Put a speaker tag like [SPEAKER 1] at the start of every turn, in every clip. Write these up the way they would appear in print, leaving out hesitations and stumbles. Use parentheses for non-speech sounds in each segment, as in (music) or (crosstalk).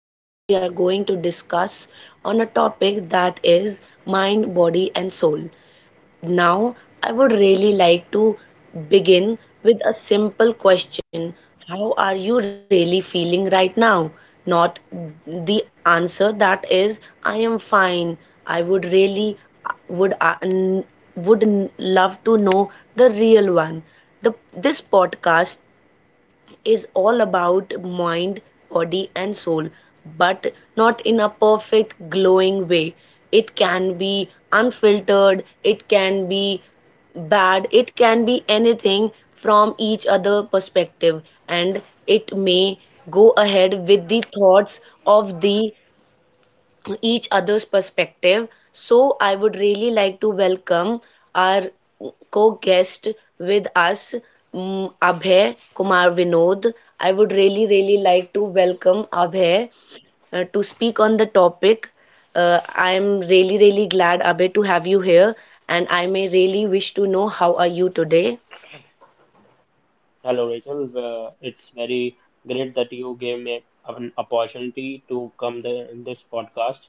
[SPEAKER 1] Today we are going to discuss on a topic that is mind, body and soul. Now I would really like to begin with a simple
[SPEAKER 2] Mm.
[SPEAKER 1] question. How are you really feeling right now? Not the answer that is I am fine. I would really would n- would n- love to know the real one. The this podcast is all about mind, body, and soul, but not in a perfect, glowing way. It can be unfiltered, it can be bad, it can be anything from each other perspective, and it may go ahead with the thoughts of the each other's perspective. So, I would really like to welcome our co guest with us, Abhay Kumar Vinod. I would really, really like to welcome Abhay to speak on the topic. I am really, really glad, Abhay, to have you here, and I may really wish to know how are you today.
[SPEAKER 2] Hello, Rachel. It's very great that you gave me an opportunity to come there in this podcast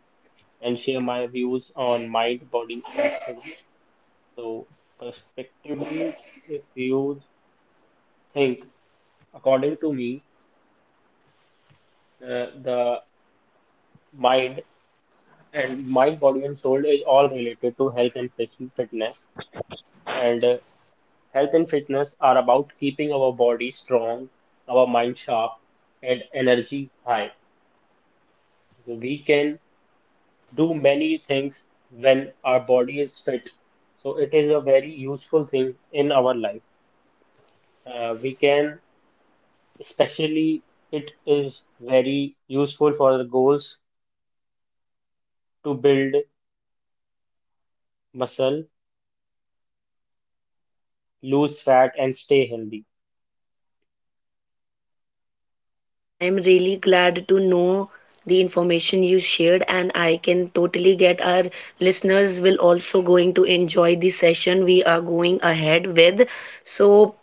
[SPEAKER 2] and share my views on mind, body, and soul. So, perspectively, if you think, according to me, the mind and mind, body, and soul is all related to health and physical fitness. And health and fitness are about keeping our body strong, our mind sharp, and energy high. So, we can do many things when our body is fit. So it is a very useful thing in our life. We can, especially, it is very useful for the goals to build muscle, lose fat, and stay healthy.
[SPEAKER 1] I am really glad to know the information you shared, and I can totally get our listeners will also going to enjoy the session we are going ahead with. So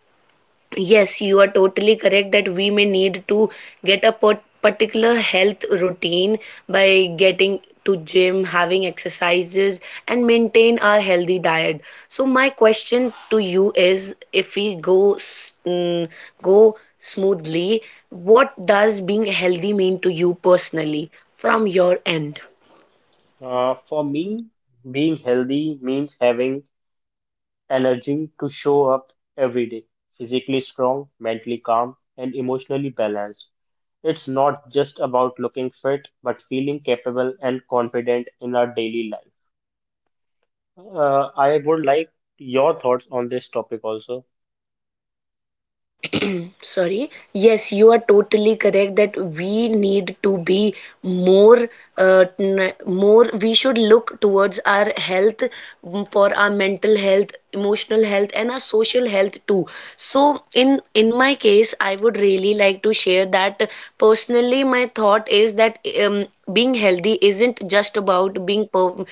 [SPEAKER 1] yes, you are totally correct that we may need to get a particular health routine by getting to gym, having exercises, and maintain our healthy diet. So my question to you is, if we go go smoothly, what does being healthy mean to you personally from your end?
[SPEAKER 2] For me, being healthy means having energy to show up every day, physically strong, mentally calm, and emotionally balanced. It's not just about looking fit, but feeling capable and confident in our daily life. I would like your thoughts on this topic also.
[SPEAKER 1] (clears throat) Sorry, yes, you are totally correct that we need to be more more we should look towards our health, for our mental health, emotional health and our social health too. So in my case I would really like to share that personally my thought is that um, being healthy isn't just about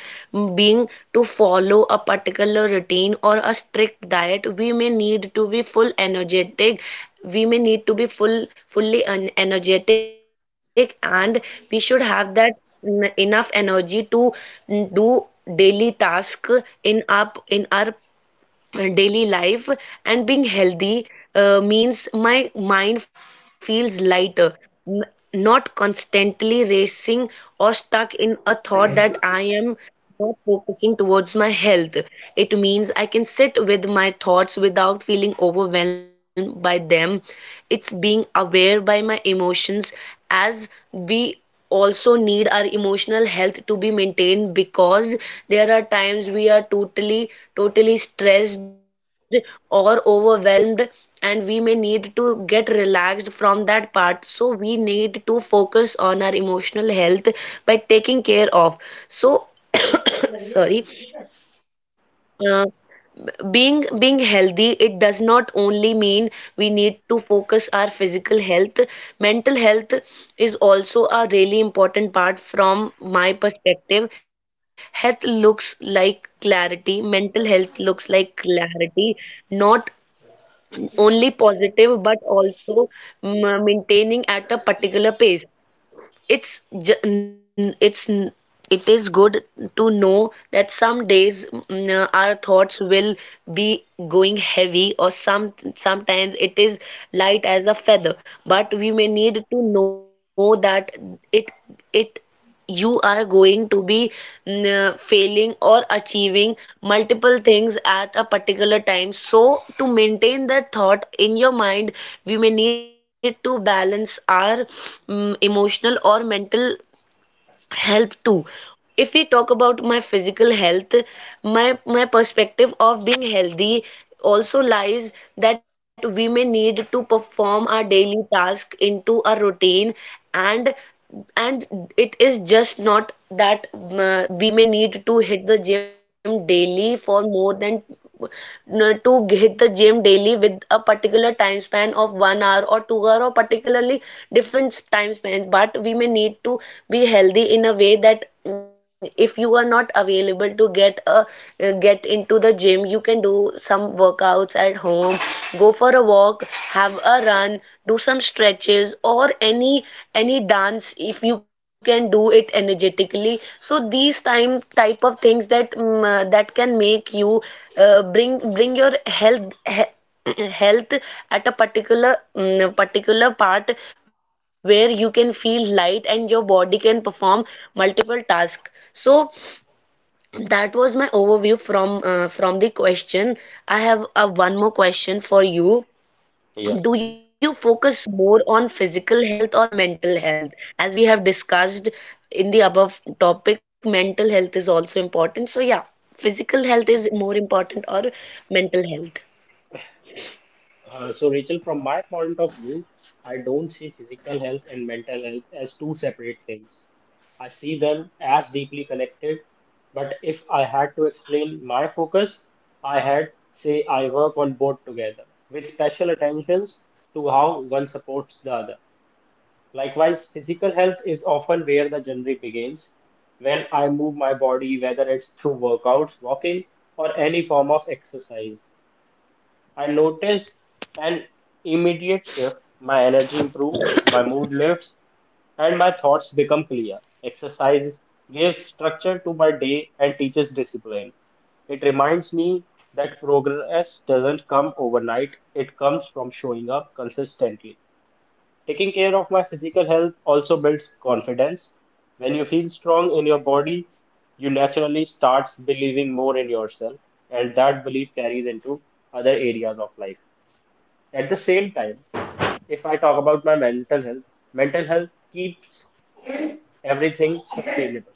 [SPEAKER 1] being to follow a particular routine or a strict diet. We may need to be full energetic, we may need to be fully energetic, and we should have that enough energy to do daily task in our daily life. And being healthy means my mind feels lighter, n- not constantly racing or stuck in a thought that I am not focusing towards my health. It means I can sit with my thoughts without feeling overwhelmed by them. It's being aware by my emotions, as we also need our emotional health to be maintained, because there are times we are totally stressed or overwhelmed, and we may need to get relaxed from that part, so we need to focus on our emotional health by taking care of. So (clears throat) sorry, uh, being healthy it does not only mean we need to focus our physical health. Mental health is also a really important part. From my perspective, health looks like clarity, mental health looks like clarity, not only positive but also maintaining at a particular pace. it's ju- it's it is good to know that some days, our thoughts will be going heavy, or sometimes it is light as a feather. But we may need to know that it it you are going to be failing or achieving multiple things at a particular time. So to maintain that thought in your mind, we may need to balance our emotional or mental health too. If we talk about my physical health, my perspective of being healthy also lies that we may need to perform our daily task into a routine. And and it is just not that we may need to hit the gym daily for more than to hit the gym daily with a particular time span of 1 hour or 2 hour, or particularly different time spans, but we may need to be healthy in a way that, if you are not available to get a get into the gym, you can do some workouts at home, go for a walk, have a run, do some stretches or any dance if you can do it energetically. So these time type of things that that can make you bring your (clears throat) health at a particular particular part where you can feel light and your body can perform multiple tasks. So that was my overview from the question. I have one more question for you.
[SPEAKER 2] Yes, please.
[SPEAKER 1] Do you focus more on physical health or mental health? As we have discussed in the above topic, mental health is also important. So, yeah, physical health is more important or mental health.
[SPEAKER 2] So, Rachel, from my point of view, I don't see physical health and mental health as two separate things. I see them as deeply connected. But if I had to explain my focus, I had say I work on both together with special attentions to how one supports the other. Likewise, physical health is often where the journey begins. When I move my body, whether it's through workouts, walking, or any form of exercise, I notice an immediate shift. My energy improves, my mood lifts, and my thoughts become clear. Exercise gives structure to my day and teaches discipline. It reminds me that progress doesn't come overnight, it comes from showing up consistently. Taking care of my physical health also builds confidence. When you feel strong in your body, you naturally start believing more in yourself, and that belief carries into other areas of life. At the same time, if I talk about my mental health keeps everything sustainable.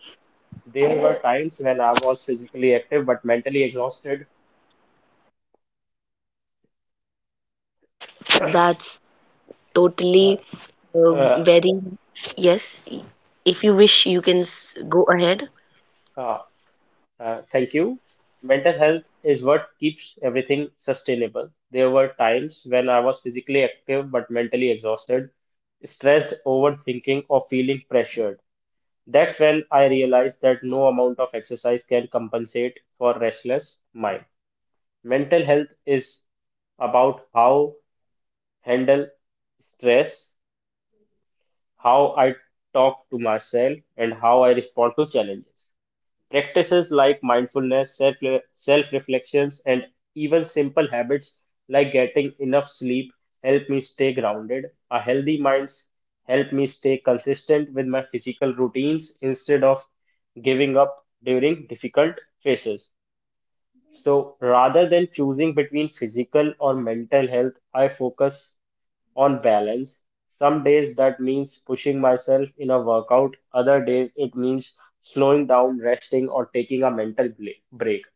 [SPEAKER 2] There were times when I was physically active but mentally exhausted.
[SPEAKER 1] That's
[SPEAKER 2] Uh,
[SPEAKER 1] totally uh,
[SPEAKER 2] uh,
[SPEAKER 1] very, yes. If you wish, you can go ahead.
[SPEAKER 2] uh, Thank you. Mental health is what keeps everything sustainable. There were times when I was physically active but mentally exhausted, stressed, overthinking, or feeling pressured. That's when I realized that no amount of exercise can compensate for restless mind. Mental health is about how handle stress, how I talk to myself, and how I respond to challenges. Practices like mindfulness, self reflections, and even simple habits like getting enough sleep help me stay grounded. A healthy mind help me stay consistent with my physical routines instead of giving up during difficult phases. So rather than choosing between physical or mental health, I focus on balance. Some days that means pushing myself in a workout, other days it means slowing down, resting, or taking a mental break.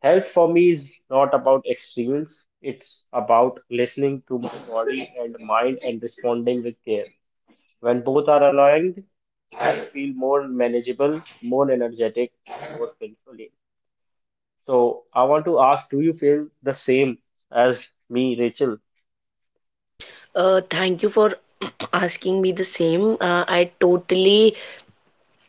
[SPEAKER 2] Health for me is not about extremes, it's about listening to my body and mind and responding with care. When both are aligned, I feel more manageable, more energetic, more fulfilling. So I want to ask, do you feel the same as me, Rachel?
[SPEAKER 1] Thank you for (clears throat) asking me the same.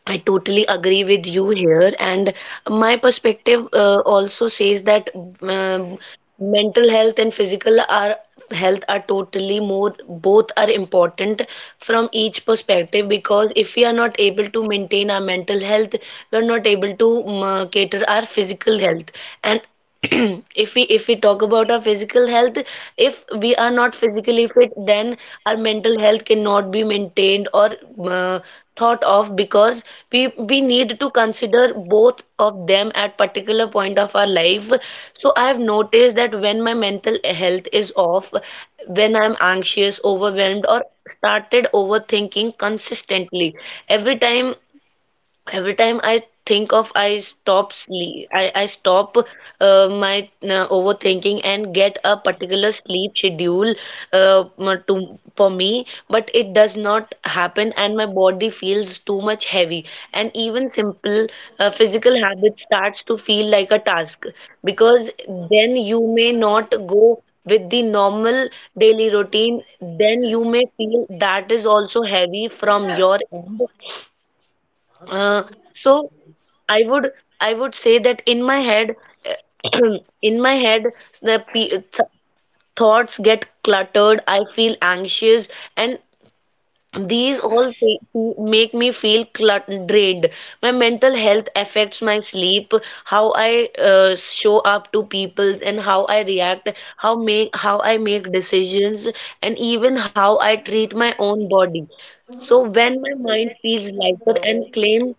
[SPEAKER 1] I totally agree with you here, and my perspective also says that um, mental health and physical are health are totally more, both are important from each perspective, because if we are not able to maintain our mental health, we are not able to cater our physical health, and (clears throat) if we talk about our physical health, if we are not physically fit then our mental health cannot be maintained or uh, thought of, because we need to consider both of them at particular point of our life. So I have noticed that when my mental health is off, when I'm anxious, overwhelmed or started overthinking consistently every time, every time I think of, I stop sleep. I stop my overthinking and get a particular sleep schedule to for me, but it does not happen, and my body feels too much heavy. And even simple physical habits starts to feel like a task, because then you may not go with the normal daily routine. Then you may feel that is also heavy from your end. uh, so I would, I would say that in my head, (clears throat) in my head, the pe th thoughts get cluttered. I feel anxious, and these all th make me feel clut drained. My mental health affects my sleep, how I show up to people, and how I react, how I make decisions, and even how I treat my own body. So when my mind feels lighter and claim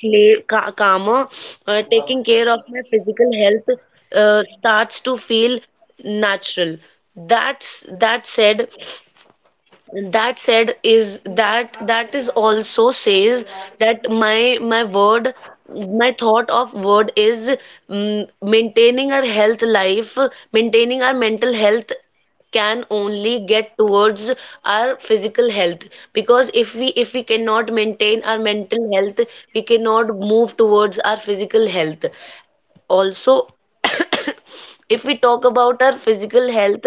[SPEAKER 1] cla- ca- calmer, taking care of my physical health starts to feel natural. That's that said is that that is also says that my word my thought of word is mm, maintaining our health life maintaining our mental health can only get towards our physical health, because if we cannot maintain our mental health, we cannot move towards our physical health also. (coughs) If we talk about our physical health,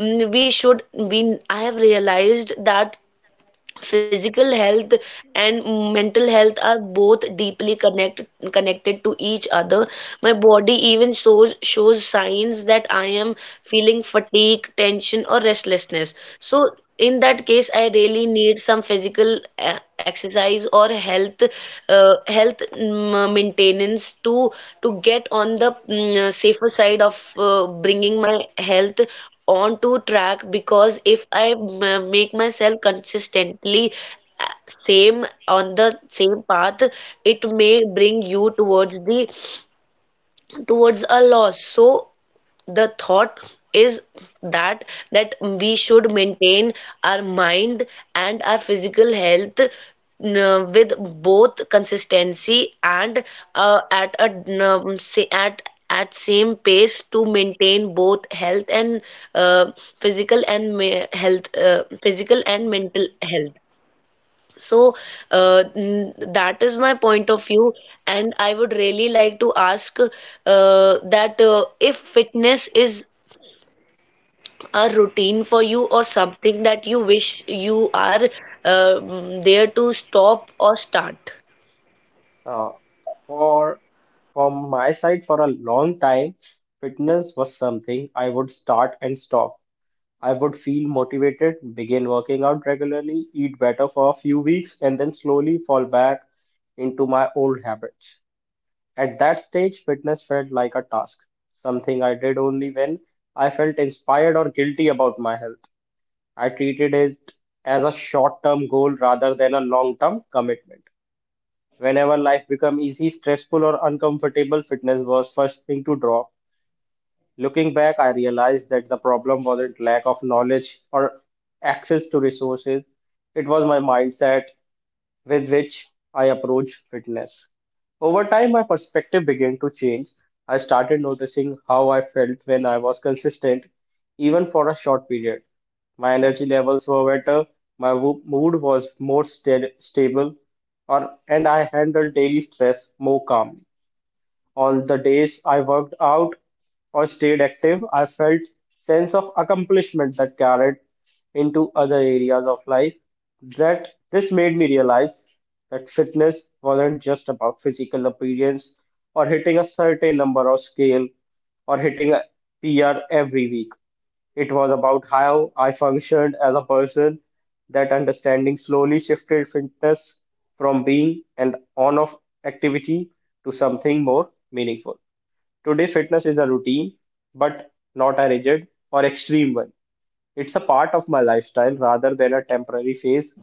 [SPEAKER 1] we I have realized that physical health and mental health are both deeply connected to each other. My body even shows signs that I am feeling fatigue, tension or restlessness. So in that case I really need some physical exercise or health, maintenance to get on the safer side of bringing my health onto track, because if I make myself consistently same on the same path, it may bring you towards the towards a loss. So the thought is that that we should maintain our mind and our physical health with both consistency and at a um, sa- at at same pace to maintain both health and uh, physical and mental health. So that is my point of view, and I would really like to ask that if fitness is a routine for you or something that you wish you are there to stop or start.
[SPEAKER 2] Uh, for From my side, for a long time, fitness was something I would start and stop. I would feel motivated, begin working out regularly, eat better for a few weeks, and then slowly fall back into my old habits. At that stage, fitness felt like a task, something I did only when I felt inspired or guilty about my health. I treated it as a short-term goal rather than a long-term commitment. Whenever life became easy, stressful, or uncomfortable, fitness was first thing to drop. Looking back, I realized that the problem wasn't lack of knowledge or access to resources. It was my mindset with which I approach fitness. Over time, my perspective began to change. I started noticing how I felt when I was consistent, even for a short period. My energy levels were better, mood was more stable, or, and I handled daily stress more calmly. All the days I worked out or stayed active, I felt sense of accomplishment that carried into other areas of life. That this made me realize that fitness wasn't just about physical appearance or hitting a certain number or scale or hitting a PR every week. It was about how I functioned as a person. That understanding slowly shifted fitness from being an on off activity to something more meaningful. Today, fitness is a routine, but not a rigid or extreme one. It's a part of my lifestyle rather than a temporary phase.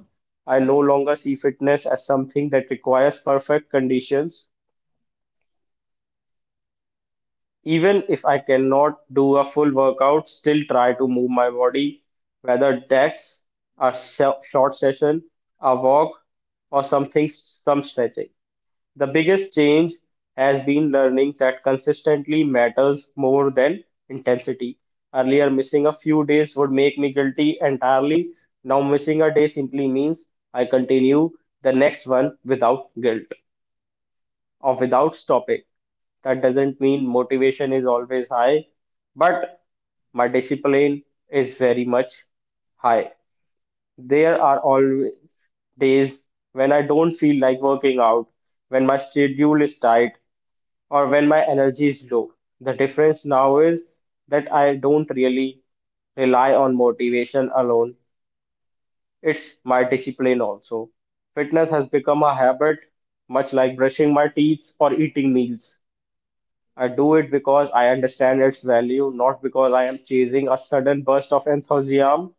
[SPEAKER 2] I no longer see fitness as something that requires perfect conditions. Even if I cannot do a full workout, still try to move my body, whether that's short session, a walk, or something, some stretching. The biggest change has been learning that consistently matters more than intensity. Earlier, missing a few days would make me guilty entirely. Now, missing a day simply means I continue the next one without guilt or without stopping. That doesn't mean motivation is always high, but my discipline is very much high. There are always days when I don't feel like working out, when my schedule is tight, or when my energy is low. The difference now is that I don't really rely on motivation alone, it's my discipline also. Fitness has become a habit, much like brushing my teeth or eating meals. I do it because I understand its value, not because I am chasing a sudden burst of enthusiasm.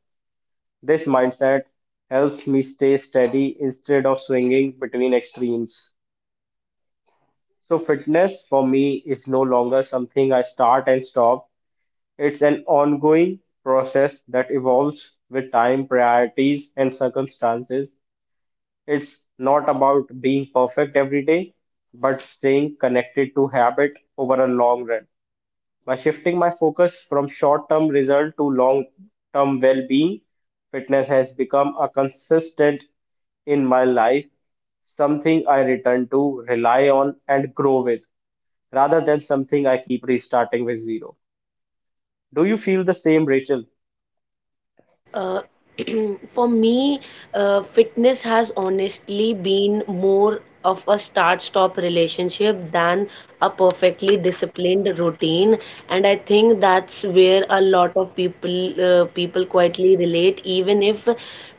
[SPEAKER 2] This mindset helps me stay steady instead of swinging between extremes. So, fitness for me is no longer something I start and stop, it's an ongoing process that evolves with time, priorities, and circumstances. It's not about being perfect every day, but staying connected to habit over a long run. By shifting my focus from short term result to long term well being, fitness has become a consistent in my life, something I return to, rely on, and grow with, rather than something I keep restarting with zero. Do you feel the same, Rachel?
[SPEAKER 1] Uh, (clears throat) for me, fitness has honestly been more of a start-stop relationship than a perfectly disciplined routine, and I think that's where a lot of people people quietly relate, even if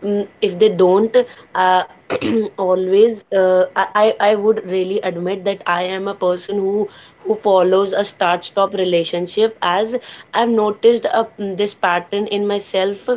[SPEAKER 1] if they don't uh, (clears throat) always. I would really admit that I am a person who follows a start-stop relationship, as I've noticed this pattern in myself,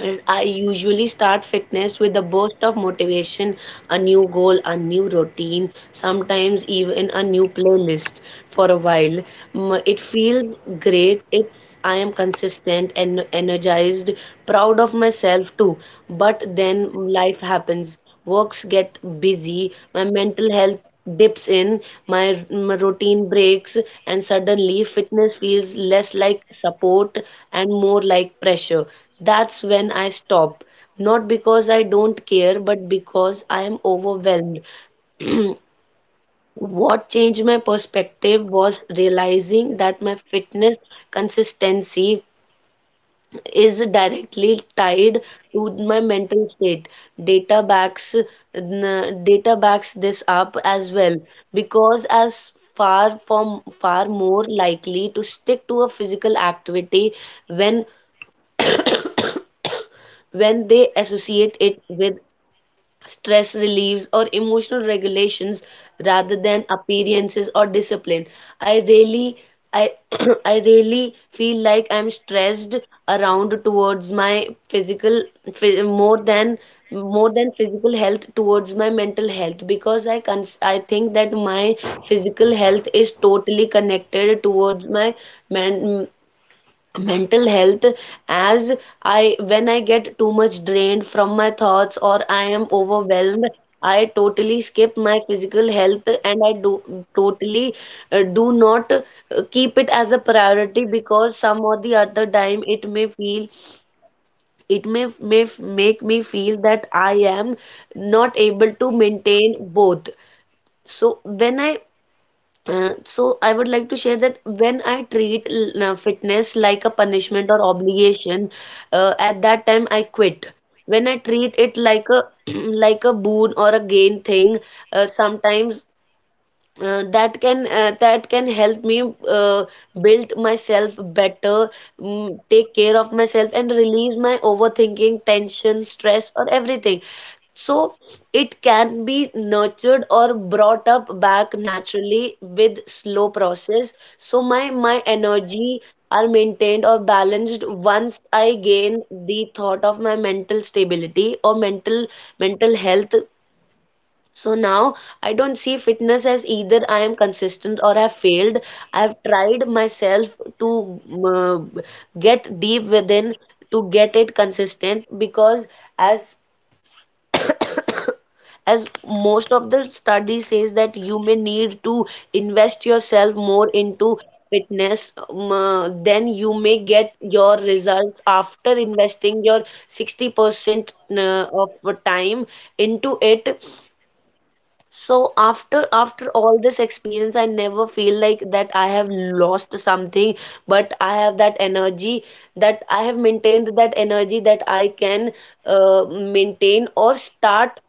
[SPEAKER 1] and I usually start fitness with a burst of motivation, a new goal, a new routine, sometimes even a new playlist for a while. It feels great. It's I am consistent and energized, proud of myself too. But then life happens, works get busy, my mental health dips in, my routine breaks, and suddenly fitness feels less like support and more like pressure. That's when I stop. Not because I don't care, but because I am overwhelmed. What changed my perspective was realizing that my fitness consistency is directly tied to my mental state. Data backs data backs this up as well because as far from far more likely to stick to a physical activity when when they associate it with stress relieves, or emotional regulations rather than appearances or discipline. I really I (clears throat) I really feel like I'm stressed around towards my physical phy- more than more than physical health towards my mental health because I think that my physical health is totally connected towards my man mental health as I when I get too much drained from my thoughts or I am overwhelmed, I totally skip my physical health and I do totally do not keep it as a priority because some or the other time it may feel it may make me feel that I am not able to maintain both. So when I so I would like to share that when I treat fitness like a punishment or obligation, at that time I quit. When I treat it like a (clears throat) like a boon or a gain thing, sometimes that can help me uh, build myself better, take care of myself, and release my overthinking, tension, stress, or everything. So it can be nurtured or brought up back naturally with slow process. So my energy are maintained or balanced once I gain the thought of my mental stability or mental health. So now I don't see fitness as either I am consistent or I've failed. I've tried myself to get deep within to get it consistent because as as most of the study says that you may need to invest yourself more into fitness then you may get your results after investing your 60% of time into it. So after all this experience, I never feel like that I have lost something, but I have that energy that I have maintained that energy that I can maintain or start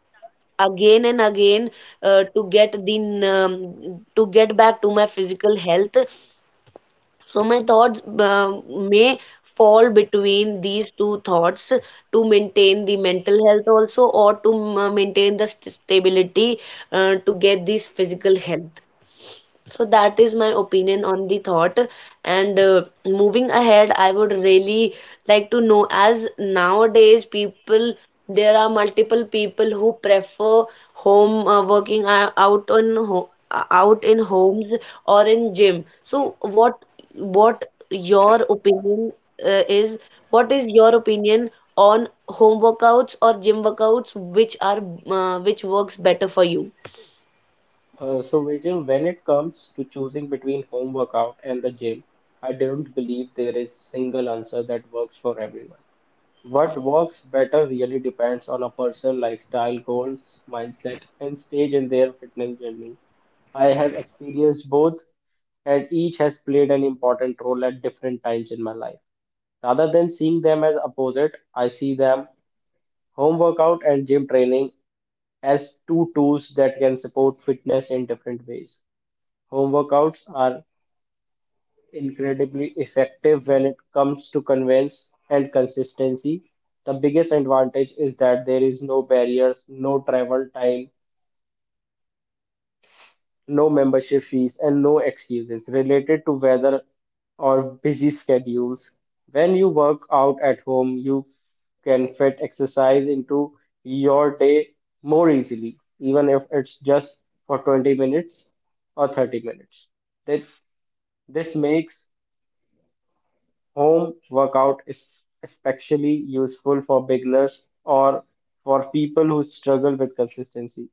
[SPEAKER 1] again and again to to get back to my physical health. So my thoughts may fall between these two thoughts to maintain the mental health also or to maintain the st stability to get this physical health. So that is my opinion on the thought. And moving ahead, I would really like to know as nowadays people, there are multiple people who prefer home working out on ho out in homes or in gym. So what your opinion is? What is your opinion on home workouts or gym workouts, which are which works better for you?
[SPEAKER 2] So, Rachel, when it comes to choosing between home workout and the gym, I don't believe there is single answer that works for everyone. What works better really depends on a person's lifestyle, goals, mindset, and stage in their fitness journey. I have experienced both, and each has played an important role at different times in my life. Rather than seeing them as opposite, I see them home workout and gym training as two tools that can support fitness in different ways. Home workouts are incredibly effective when it comes to conveyance and consistency. The biggest advantage is that there is no barriers, no travel time, no membership fees, and no excuses related to weather or busy schedules. When you work out at home, you can fit exercise into your day more easily, even if it's just for 20 minutes or 30 minutes. That this makes. Home workout is especially useful for beginners or for people who struggle with consistency.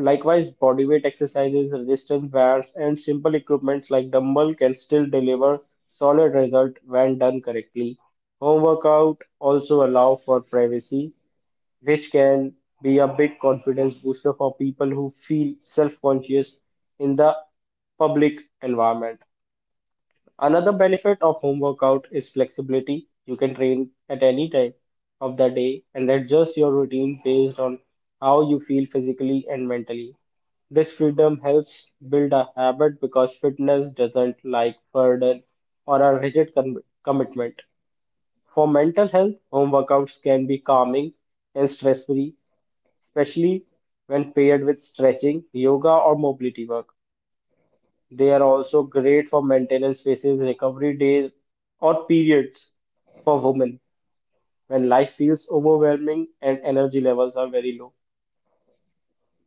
[SPEAKER 2] Likewise, bodyweight exercises, resistance bands, and simple equipments like dumbbell can still deliver solid result when done correctly. Home workout also allow for privacy, which can be a big confidence booster for people who feel self-conscious in the public environment. Another benefit of home workout is flexibility. You can train at any time of the day and adjust your routine based on how you feel physically and mentally. This freedom helps build a habit because fitness doesn't like burden or a rigid commitment. For mental health, home workouts can be calming and stress free, especially when paired with stretching, yoga, or mobility work. They are also great for maintenance phases, recovery days, or periods for women when life feels overwhelming and energy levels are very low.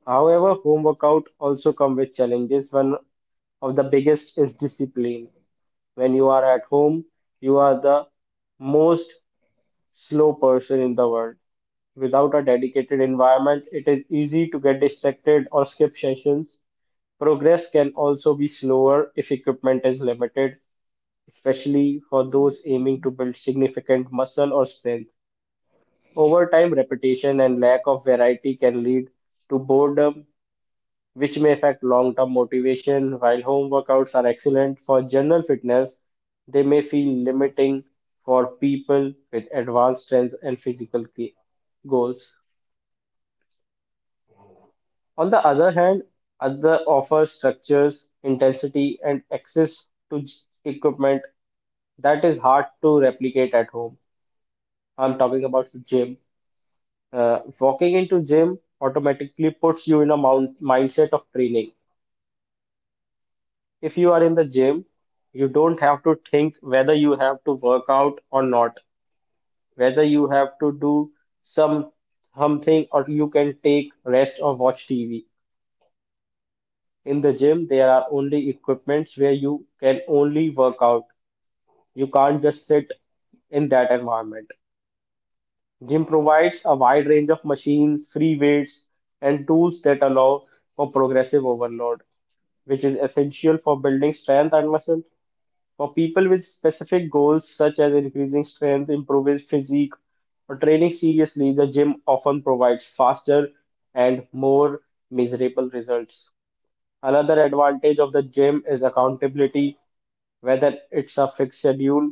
[SPEAKER 2] However, home workout also come with challenges. One of the biggest is discipline. When you are at home, you are the most slow person in the world. Without a dedicated environment, it is easy to get distracted or skip sessions. Progress can also be slower if equipment is limited especially for those aiming to build significant muscle or strength. Over time, repetition and lack of variety can lead to boredom, which may affect long term motivation. While home workouts are excellent for general fitness, they may feel limiting for people with advanced strength and physical goals. On the other hand, other offer structures, intensity, and access to equipment that is hard to replicate at home. I'm talking about the gym. Walking into gym automatically puts you in a mount mindset of training. If you are in the gym, you don't have to think whether you have to work out or not, whether you have to do some something or you can take rest or watch TV. In the gym, there are only equipments where you can only work out. You can't just sit in that environment. Gym provides a wide range of machines, free weights, and tools that allow for progressive overload, which is essential for building strength and muscle. For people with specific goals such as increasing strength, improving physique, or training seriously, the gym often provides faster and more measurable results. Another advantage of the gym is accountability whether it's a fixed schedule,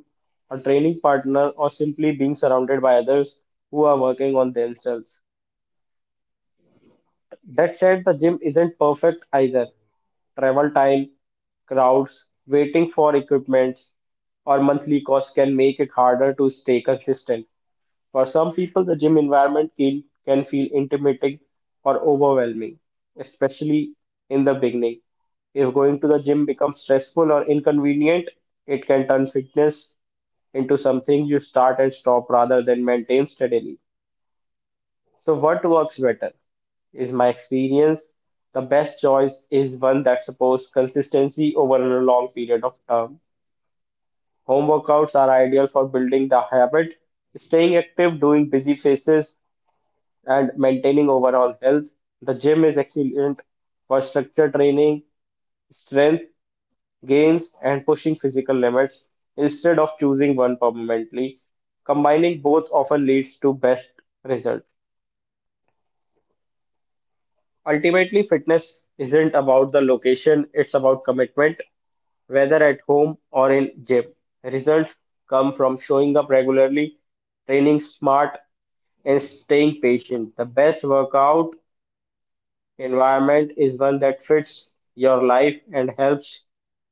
[SPEAKER 2] a training partner, or simply being surrounded by others who are working on themselves. That said, the gym isn't perfect either. Travel time, crowds, waiting for equipment, or monthly costs can make it harder to stay consistent. For some people, the gym environment can feel intimidating or overwhelming, especially in the beginning. If going to the gym becomes stressful or inconvenient, it can turn fitness into something you start and stop rather than maintain steadily. So, what works better? Is my experience the best choice is one that supports consistency over a long period of time. Home workouts are ideal for building the habit, staying active, doing busy phases, and maintaining overall health. The gym is excellent for structure training, strength gains, and pushing physical limits instead of choosing one permanently. Combining both often leads to best result. Ultimately, fitness isn't about the location, it's about commitment, whether at home or in gym. Results come from showing up regularly, training smart, and staying patient. The best workout environment is one that fits your life and helps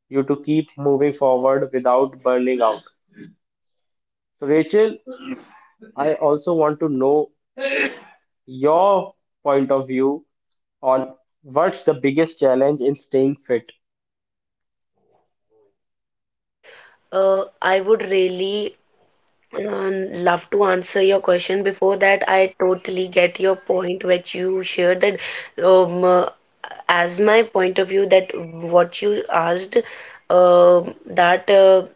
[SPEAKER 2] you to keep moving forward without burning out. So, Rachel, I also want to know your point of view on what's the biggest challenge in staying fit.
[SPEAKER 1] I would really love to answer your question. Before that, I totally get your point, which you shared that, um, uh, as my point of view, that what you asked, uh, that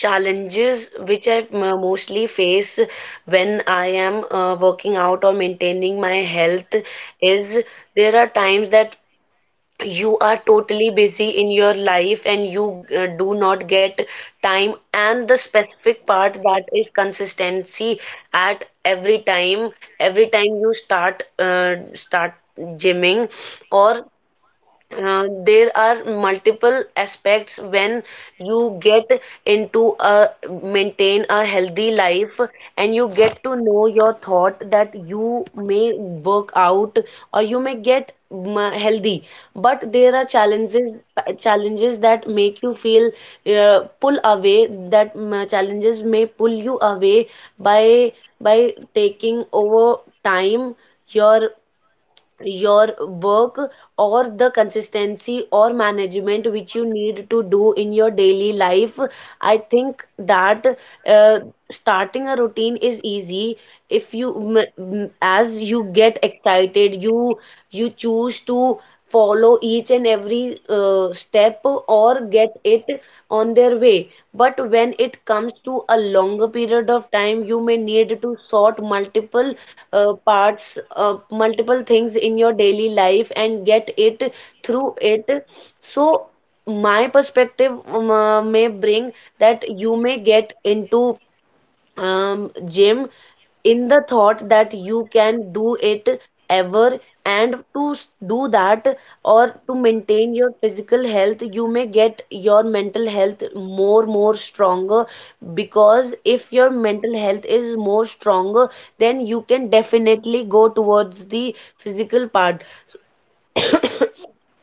[SPEAKER 1] challenges which I mostly face when I am working out or maintaining my health is there are times that you are totally busy in your life and you do not get time, and the specific part that is consistency at every time. Every time you start start gymming or there are multiple aspects when you get into a maintain a healthy life and you get to know your thought that you may work out or you may get healthy, but there are challenges that make you feel pull away that mm, challenges may pull you away by taking over time, your your work, or the consistency or management which you need to do in your daily life. I think that uh, starting a routine is easy. If you as you get excited, you choose to follow each and every step or get it on their way. But when it comes to a longer period of time, you may need to sort multiple multiple things in your daily life and get it through it. So, my perspective may bring that you may get into gym, in the thought that you can do it ever, and to do that or to maintain your physical health, you may get your mental health more stronger. Because if your mental health is more stronger, then you can definitely go towards the physical part.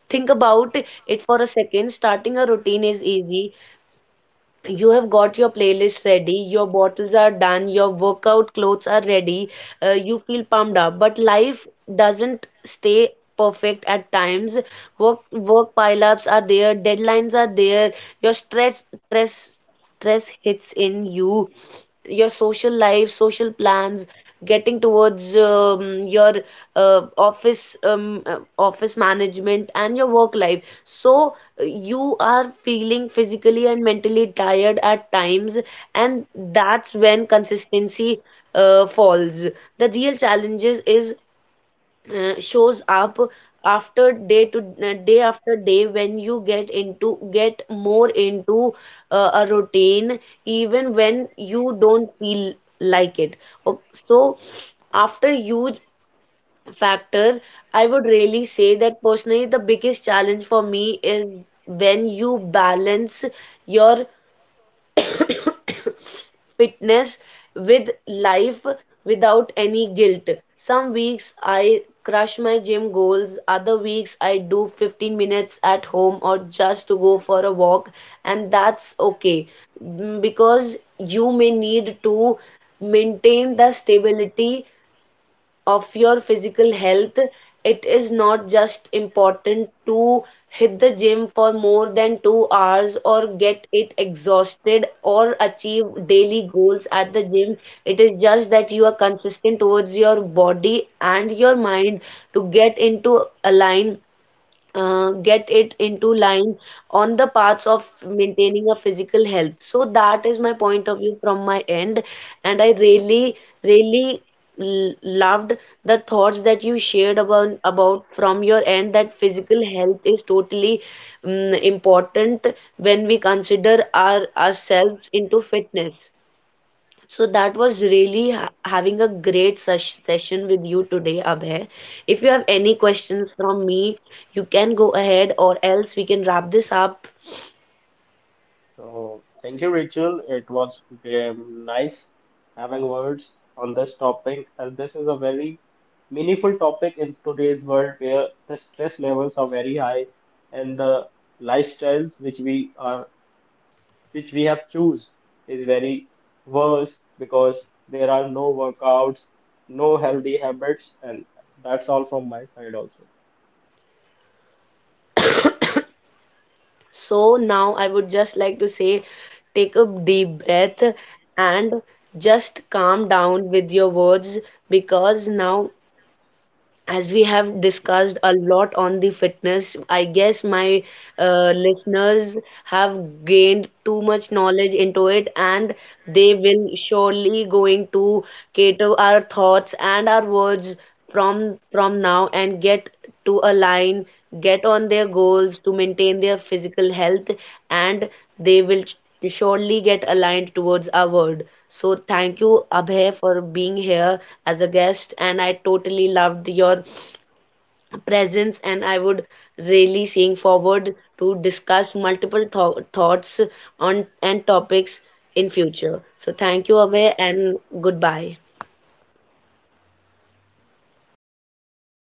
[SPEAKER 1] Think about it for a second. Starting a routine is easy. You have got your playlist ready, your bottles are done, your workout clothes are ready, you feel pumped up. But life doesn't stay perfect at times. Work pileups are there, deadlines are there, your stress hits in you, your social life, social plans, getting towards your office management and your work life. So you are feeling physically and mentally tired at times, and that's when consistency falls. The real challenges is shows up after day to day after day when you get more into a routine even when you don't feel like it. O- so after huge factor, I would really say that personally the biggest challenge for me is when you balance your fitness with life without any guilt. Some weeks I crush my gym goals, other weeks I do 15 minutes at home or just to go for a walk, and that's okay. Because you may need to maintain the stability of your physical health. It is not just important to hit the gym for more than 2 hours or get it exhausted or achieve daily goals at the gym. It is just that you are consistent towards your body and your mind to get into a line, get it into line on the paths of maintaining a physical health. So that is my point of view from my end, and I really, really loved the thoughts that you shared about from your end that physical health is totally important when we consider ourselves into fitness. So that was really ha having a great sesh session with you today, Abhay. If you have any questions from me, you can go ahead, or else we can wrap this up.
[SPEAKER 2] So, thank you, Rachel. It was nice having words on this topic, and this is a very meaningful topic in today's world where the stress levels are very high and the lifestyles which we have choose is very worse because there are no workouts, no healthy habits, and that's all from my side also.
[SPEAKER 1] So now I would just like to say, take a deep breath and just calm down with your words because now, as we have discussed a lot on the fitness, I guess my listeners have gained too much knowledge into it, and they will surely going to cater our thoughts and our words from now and get to align, get on their goals to maintain their physical health, and they will you surely get aligned towards our word. So thank you, Abhay, for being here as a guest, and I totally loved your presence, and I would really seeing forward to discuss multiple thoughts on and topics in future. So thank you, Abhay, and goodbye.